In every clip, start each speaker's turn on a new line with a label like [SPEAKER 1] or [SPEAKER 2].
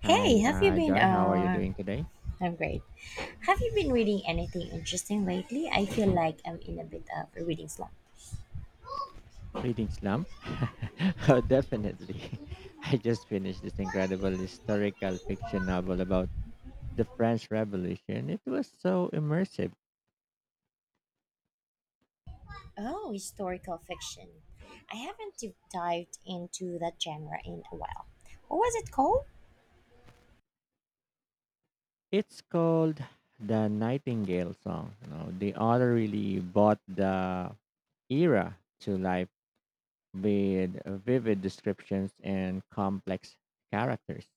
[SPEAKER 1] Hey,
[SPEAKER 2] Hi,
[SPEAKER 1] have you been?
[SPEAKER 2] Joy. How are you doing today?
[SPEAKER 1] I'm great. Have you been reading anything interesting lately? I feel like I'm in a bit of a reading slump.
[SPEAKER 2] Reading slump? Oh, definitely. I just finished this incredible historical fiction novel about the French Revolution. It was so immersive.
[SPEAKER 1] Oh, historical fiction. I haven't deep dived into that genre in a while. What was it called?
[SPEAKER 2] It's called The Nightingale Song. You know, the author really brought the era to life with vivid descriptions and complex characters.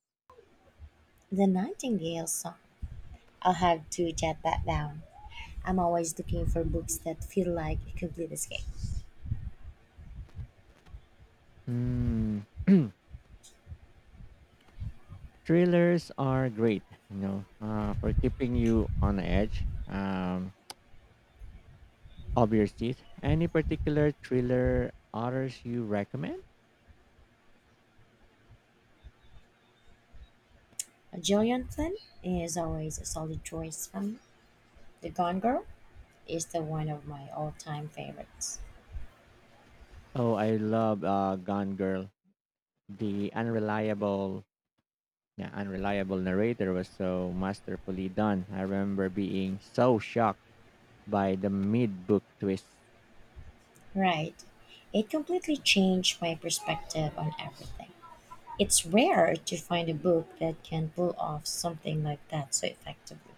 [SPEAKER 1] The Nightingale Song. I'll have to jot that down. I'm always looking for books that feel like a complete escape.
[SPEAKER 2] Hmm. Thrillers are great, you know, for keeping you on the edge of your seat. Any particular thriller authors you recommend?
[SPEAKER 1] Gillian Flynn is always a solid choice for me. The Gone Girl is the one of my all-time favorites.
[SPEAKER 2] Oh, I love Gone Girl. The yeah, unreliable narrator was so masterfully done. I remember being so shocked by the mid book twist.
[SPEAKER 1] Right. It completely changed my perspective on everything. It's rare to find a book that can pull off something like that so effectively.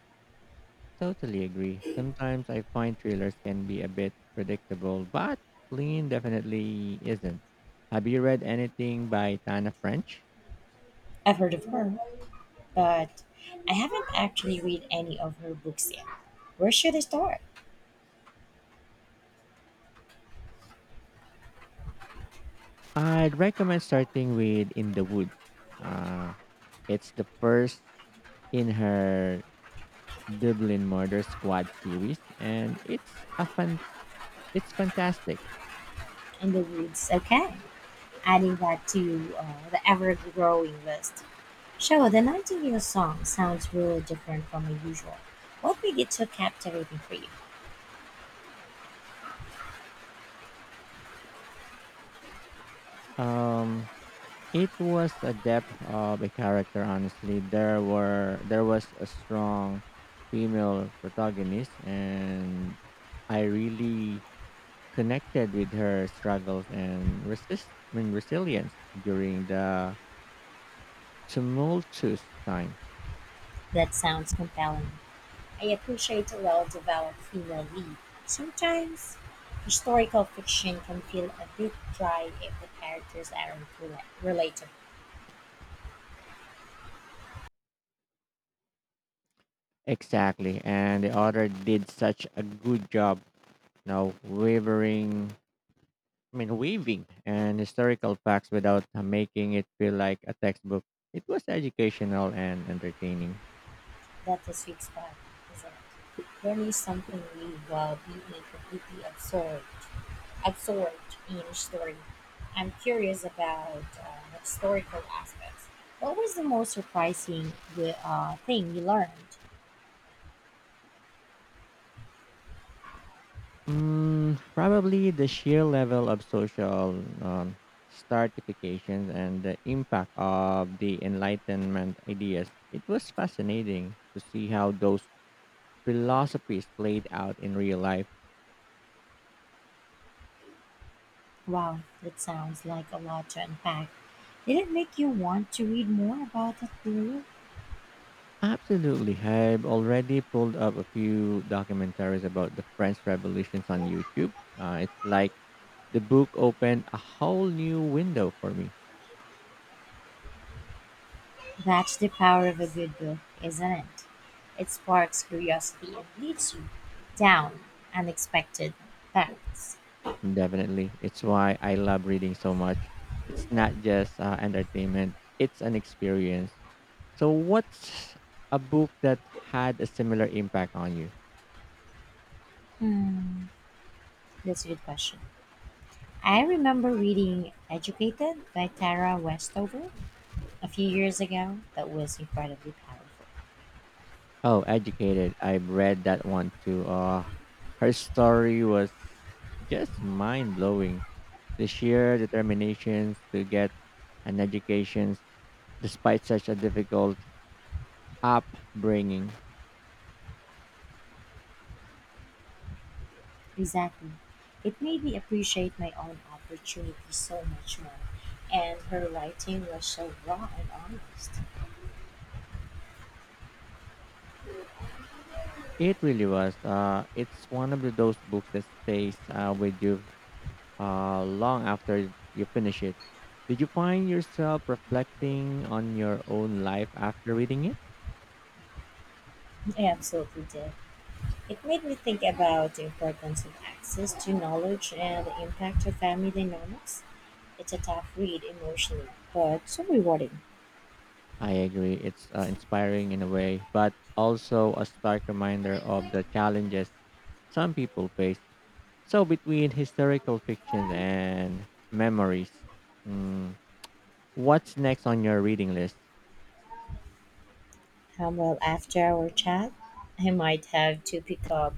[SPEAKER 2] Totally agree. Sometimes I find thrillers can be a bit predictable, but Lean definitely isn't. Have you read anything by Tana French?
[SPEAKER 1] I've heard of her, but I haven't actually read any of her books yet. Where should I start?
[SPEAKER 2] I'd recommend starting with In the Woods. Uh, it's the first in her Dublin Murder Squad series, and it's a fun. It's fantastic.
[SPEAKER 1] In the Woods, okay. Adding that to the ever growing list. Sure, the Nightingale song sounds really different from my usual. What made it so captivating for you?
[SPEAKER 2] Um, It was a depth of a character. Honestly, there was a strong female protagonist, and I really connected with her struggles and resilience during the tumultuous time.
[SPEAKER 1] That sounds compelling. I appreciate a well developed female lead. Sometimes historical fiction can feel a bit dry if the characters aren't relatable.
[SPEAKER 2] Exactly, and the author did such a good job, you know, weaving and historical facts without making it feel like a textbook. It was educational and entertaining.
[SPEAKER 1] That's a sweet spot, isn't it? Learning something new while being completely absorbed, absorbed in a story. I'm curious about the historical aspects. What was the most surprising thing you learned?
[SPEAKER 2] Mm, probably the sheer level of social stratifications and the impact of the Enlightenment ideas. It was fascinating to see how those philosophies played out in real life.
[SPEAKER 1] Wow, that sounds like a lot to unpack. Did it make you want to read more about that period?
[SPEAKER 2] Absolutely. I've already pulled up a few documentaries about the French revolutions on YouTube. It's like the book opened a whole new window for me.
[SPEAKER 1] That's the power of a good book, isn't it? It sparks curiosity and leads you down unexpected paths.
[SPEAKER 2] Definitely. It's why I love reading so much. It's not just entertainment, it's an experience. So, what's a book that had a similar impact on you?
[SPEAKER 1] Hmm, that's a good question. I remember reading Educated by Tara Westover a few years ago. That was incredibly powerful.
[SPEAKER 2] Oh, Educated. I've read that one too. Her story was just mind blowing. The sheer determination to get an education despite such a difficult upbringing.
[SPEAKER 1] Exactly. It made me appreciate my own opportunities so much more. And her writing was so raw and honest.
[SPEAKER 2] It really was. It's one of those books that stays with you long after you finish it. Did you find yourself reflecting on your own life after reading it?
[SPEAKER 1] I absolutely did. It made me think about the importance of access to knowledge and the impact of family dynamics. It's a tough read emotionally, but so rewarding.
[SPEAKER 2] I agree. It's inspiring in a way, but also a stark reminder of the challenges some people face. So, between historical fictions and memories, mm, what's next on your reading list?
[SPEAKER 1] Well, after our chat, I might have to pick up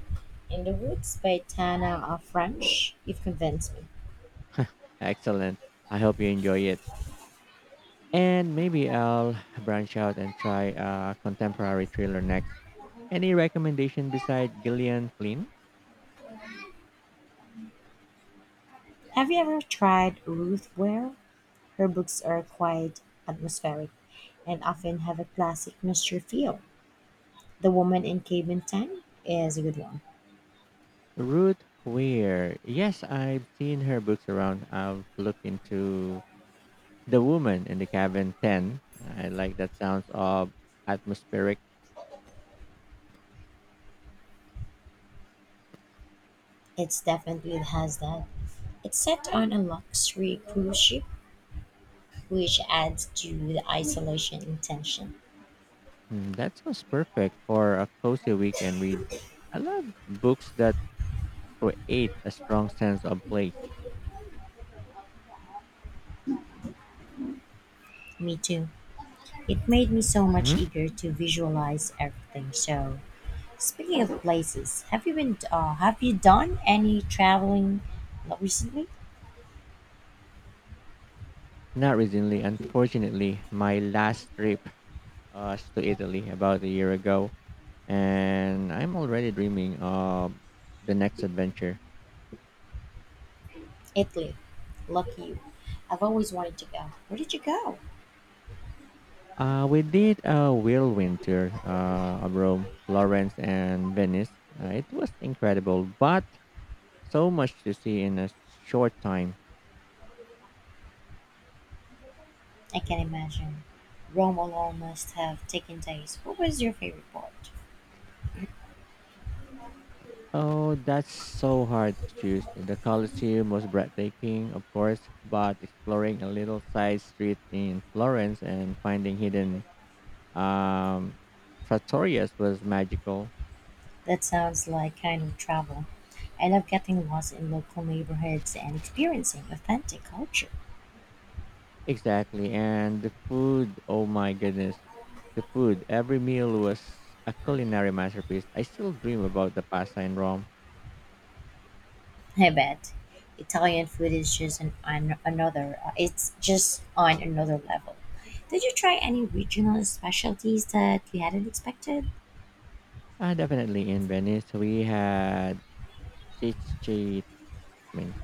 [SPEAKER 1] In the Woods by Tana of French. You've convinced me.
[SPEAKER 2] Excellent. I hope you enjoy it. And maybe I'll branch out and try a contemporary thriller next. Any recommendation beside Gillian Flynn?
[SPEAKER 1] Have you ever tried Ruth Ware? Her books are quite atmospheric and often have a classic mystery feel. The Woman in Cabin 10 is a good one.
[SPEAKER 2] Ruth Weir. Yes, I've seen her books around. I've looked into The Woman in the Cabin 10. I like that sounds of atmospheric.
[SPEAKER 1] It's definitely has that. It's set on a luxury cruise ship, which adds to the isolation and tension.
[SPEAKER 2] Hmm, that sounds perfect for a cozy weekend read. I love books that create a strong sense of place.
[SPEAKER 1] Me too. It made me so much
[SPEAKER 2] Mhm.
[SPEAKER 1] eager to visualize everything. So, speaking of places, have you been? Have you done any traveling recently?
[SPEAKER 2] Not recently, unfortunately, my last trip us to Italy about a year ago, and I'm already dreaming of the next adventure.
[SPEAKER 1] Italy. Lucky you. I've always wanted to go. Where did you go?
[SPEAKER 2] We did a whirlwind tour of Rome, Florence, and Venice. It was incredible, but so much to see in a short time.
[SPEAKER 1] I can imagine. Rome alone must have taken days. What was your favorite part?
[SPEAKER 2] Oh, that's so hard to choose. The Colosseum was breathtaking, of course, but exploring a little side street in Florence and finding hidden um, trattorias was magical.
[SPEAKER 1] That sounds like kind of travel. I love getting lost in local neighborhoods and experiencing authentic culture.
[SPEAKER 2] Exactly. And the food, oh my goodness. The food. Every meal was a culinary masterpiece. I still dream about the pasta in Rome.
[SPEAKER 1] I bet Italian food is just on another. It's just on another level. Did you try any regional specialties that you hadn't expected?
[SPEAKER 2] Definitely in Venice, we had cicchetti, I mean,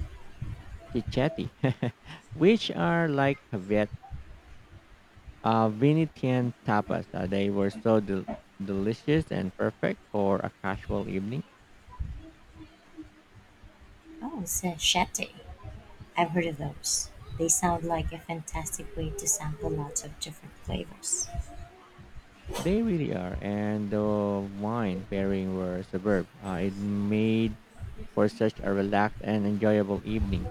[SPEAKER 2] cicchetti which are like Venetian tapas. They were so delicious and perfect for a casual evening.
[SPEAKER 1] Oh, sachete. I've heard of those. They sound like a fantastic way to sample lots of different flavors.
[SPEAKER 2] They really are. And the wine pairing were superb. It made for such a relaxed and enjoyable evening.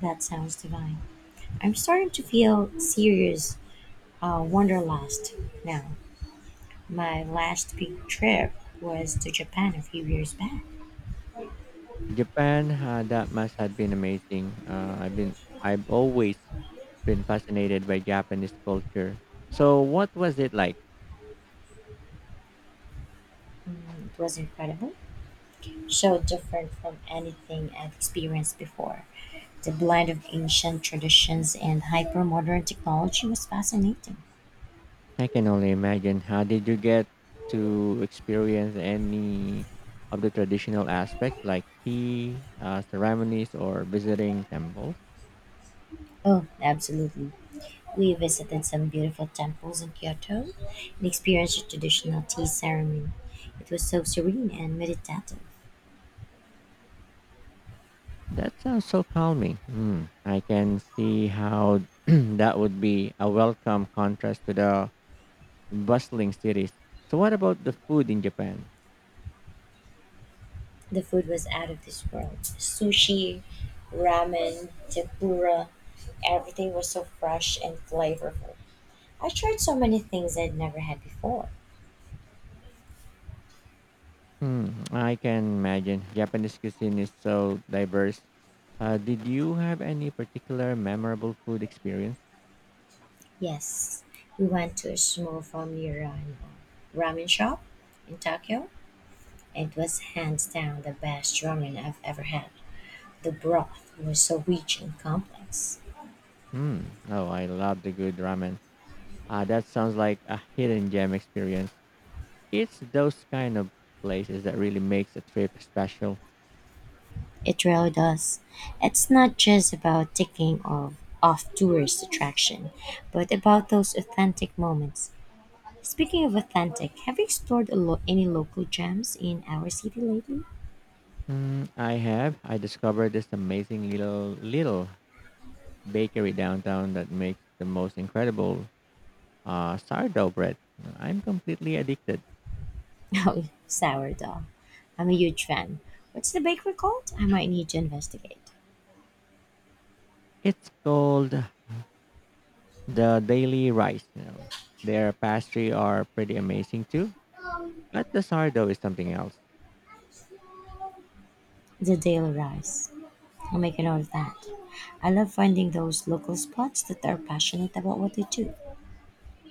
[SPEAKER 1] That sounds divine. I'm starting to feel serious wanderlust now. My last big trip was to Japan a few years back.
[SPEAKER 2] Japan, that must have been amazing. I've always been fascinated by Japanese culture. So, what was it like?
[SPEAKER 1] It was incredible. So different from anything I've experienced before. The blend of ancient traditions and hyper modern technology was fascinating.
[SPEAKER 2] I can only imagine. How did you get to experience any of the traditional aspects like tea, ceremonies, or visiting temples?
[SPEAKER 1] Oh, absolutely. We visited some beautiful temples in Kyoto and experienced a traditional tea ceremony. It was so serene and meditative.
[SPEAKER 2] That sounds so calming. Mm, I can see how that would be a welcome contrast to the bustling cities. So, what about the food in Japan?
[SPEAKER 1] The food was out of this world. Sushi, ramen, tempura, everything was so fresh and flavorful. I tried so many things I'd never had before.
[SPEAKER 2] Hmm, I can imagine Japanese cuisine is so diverse. Did you have any particular memorable food experience?
[SPEAKER 1] Yes, we went to a small familiar ramen shop in Tokyo. It was hands down the best ramen I've ever had. The broth was so rich and complex.
[SPEAKER 2] Hmm. Oh, I love the good ramen. That sounds like a hidden gem experience. It's those kind of places that really makes a trip special.
[SPEAKER 1] It really does. It's not just about off tourist attraction, but about those authentic moments. Speaking of authentic, have you explored a any local gems in our city lately?
[SPEAKER 2] Mm, I have. I discovered this amazing little bakery downtown that makes the most incredible sourdough bread. I'm completely addicted.
[SPEAKER 1] Oh, sourdough. I'm a huge fan. What's the bakery called? I might need to investigate.
[SPEAKER 2] It's called the Daily Rice. You know, their pastry are pretty amazing too, but the sourdough is something else.
[SPEAKER 1] The Daily Rice. I'll make a note of that. I love finding those local spots that are passionate about what they do.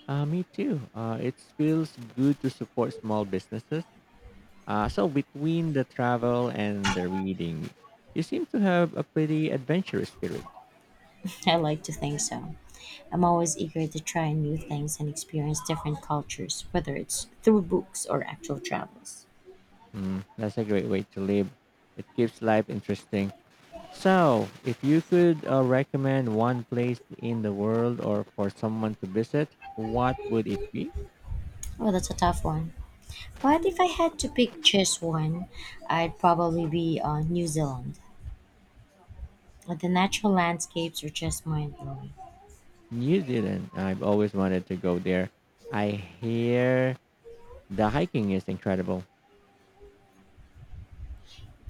[SPEAKER 2] Me too. It feels good to support small businesses. So between the travel and the reading, you seem to have a pretty adventurous spirit.
[SPEAKER 1] I like to think so. I'm always eager to try new things and experience different cultures, whether it's through books or actual travels.
[SPEAKER 2] Mm, that's a great way to live. It keeps life interesting. So, if you could recommend one place in the world or for someone to visit, what would it be?
[SPEAKER 1] Well, that's a tough one. But if I had to pick just one, I'd probably be New Zealand. The natural landscapes are just mind blowing.
[SPEAKER 2] New Zealand. I've always wanted to go there. I hear the hiking is incredible.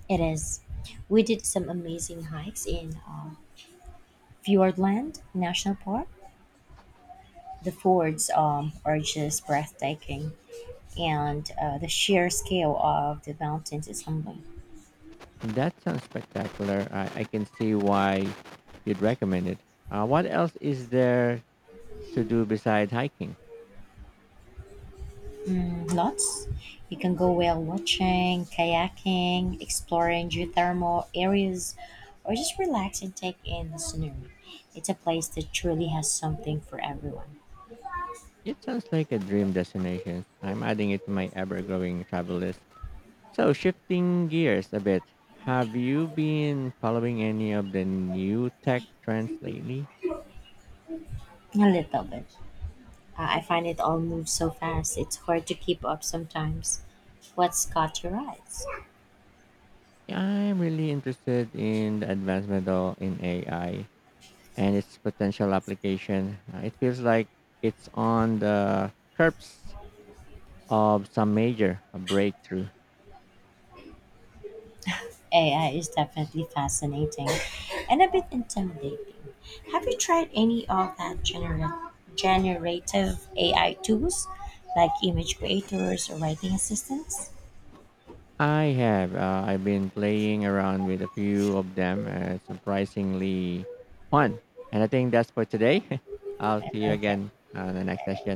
[SPEAKER 1] It is. We did some amazing hikes in Fiordland National Park. The fords are just breathtaking, and the sheer scale of the mountains is humbling.
[SPEAKER 2] That sounds spectacular. I can see why you'd recommend it. What else is there to do besides hiking?
[SPEAKER 1] Lots. You can go whale watching, kayaking, exploring geothermal areas, or just relax and take in the scenery. It's a place that truly has something for everyone.
[SPEAKER 2] It sounds like a dream destination. I'm adding it to my ever growing travel list. So, shifting gears a bit, have you been following any of the new tech trends lately?
[SPEAKER 1] A little bit. I find it all moves so fast, it's hard to keep up sometimes. What's caught your eyes?
[SPEAKER 2] Yeah, I'm really interested in the advancement in AI and its potential application. It feels like it's on the curbs of some major breakthrough.
[SPEAKER 1] AI is definitely fascinating and a bit intimidating. Have you tried any of that generative AI tools like image creators or writing assistants?
[SPEAKER 2] I have. I've been playing around with a few of them. Surprisingly fun. And I think that's for today. I'll see you
[SPEAKER 1] Okay.
[SPEAKER 2] again on the next session.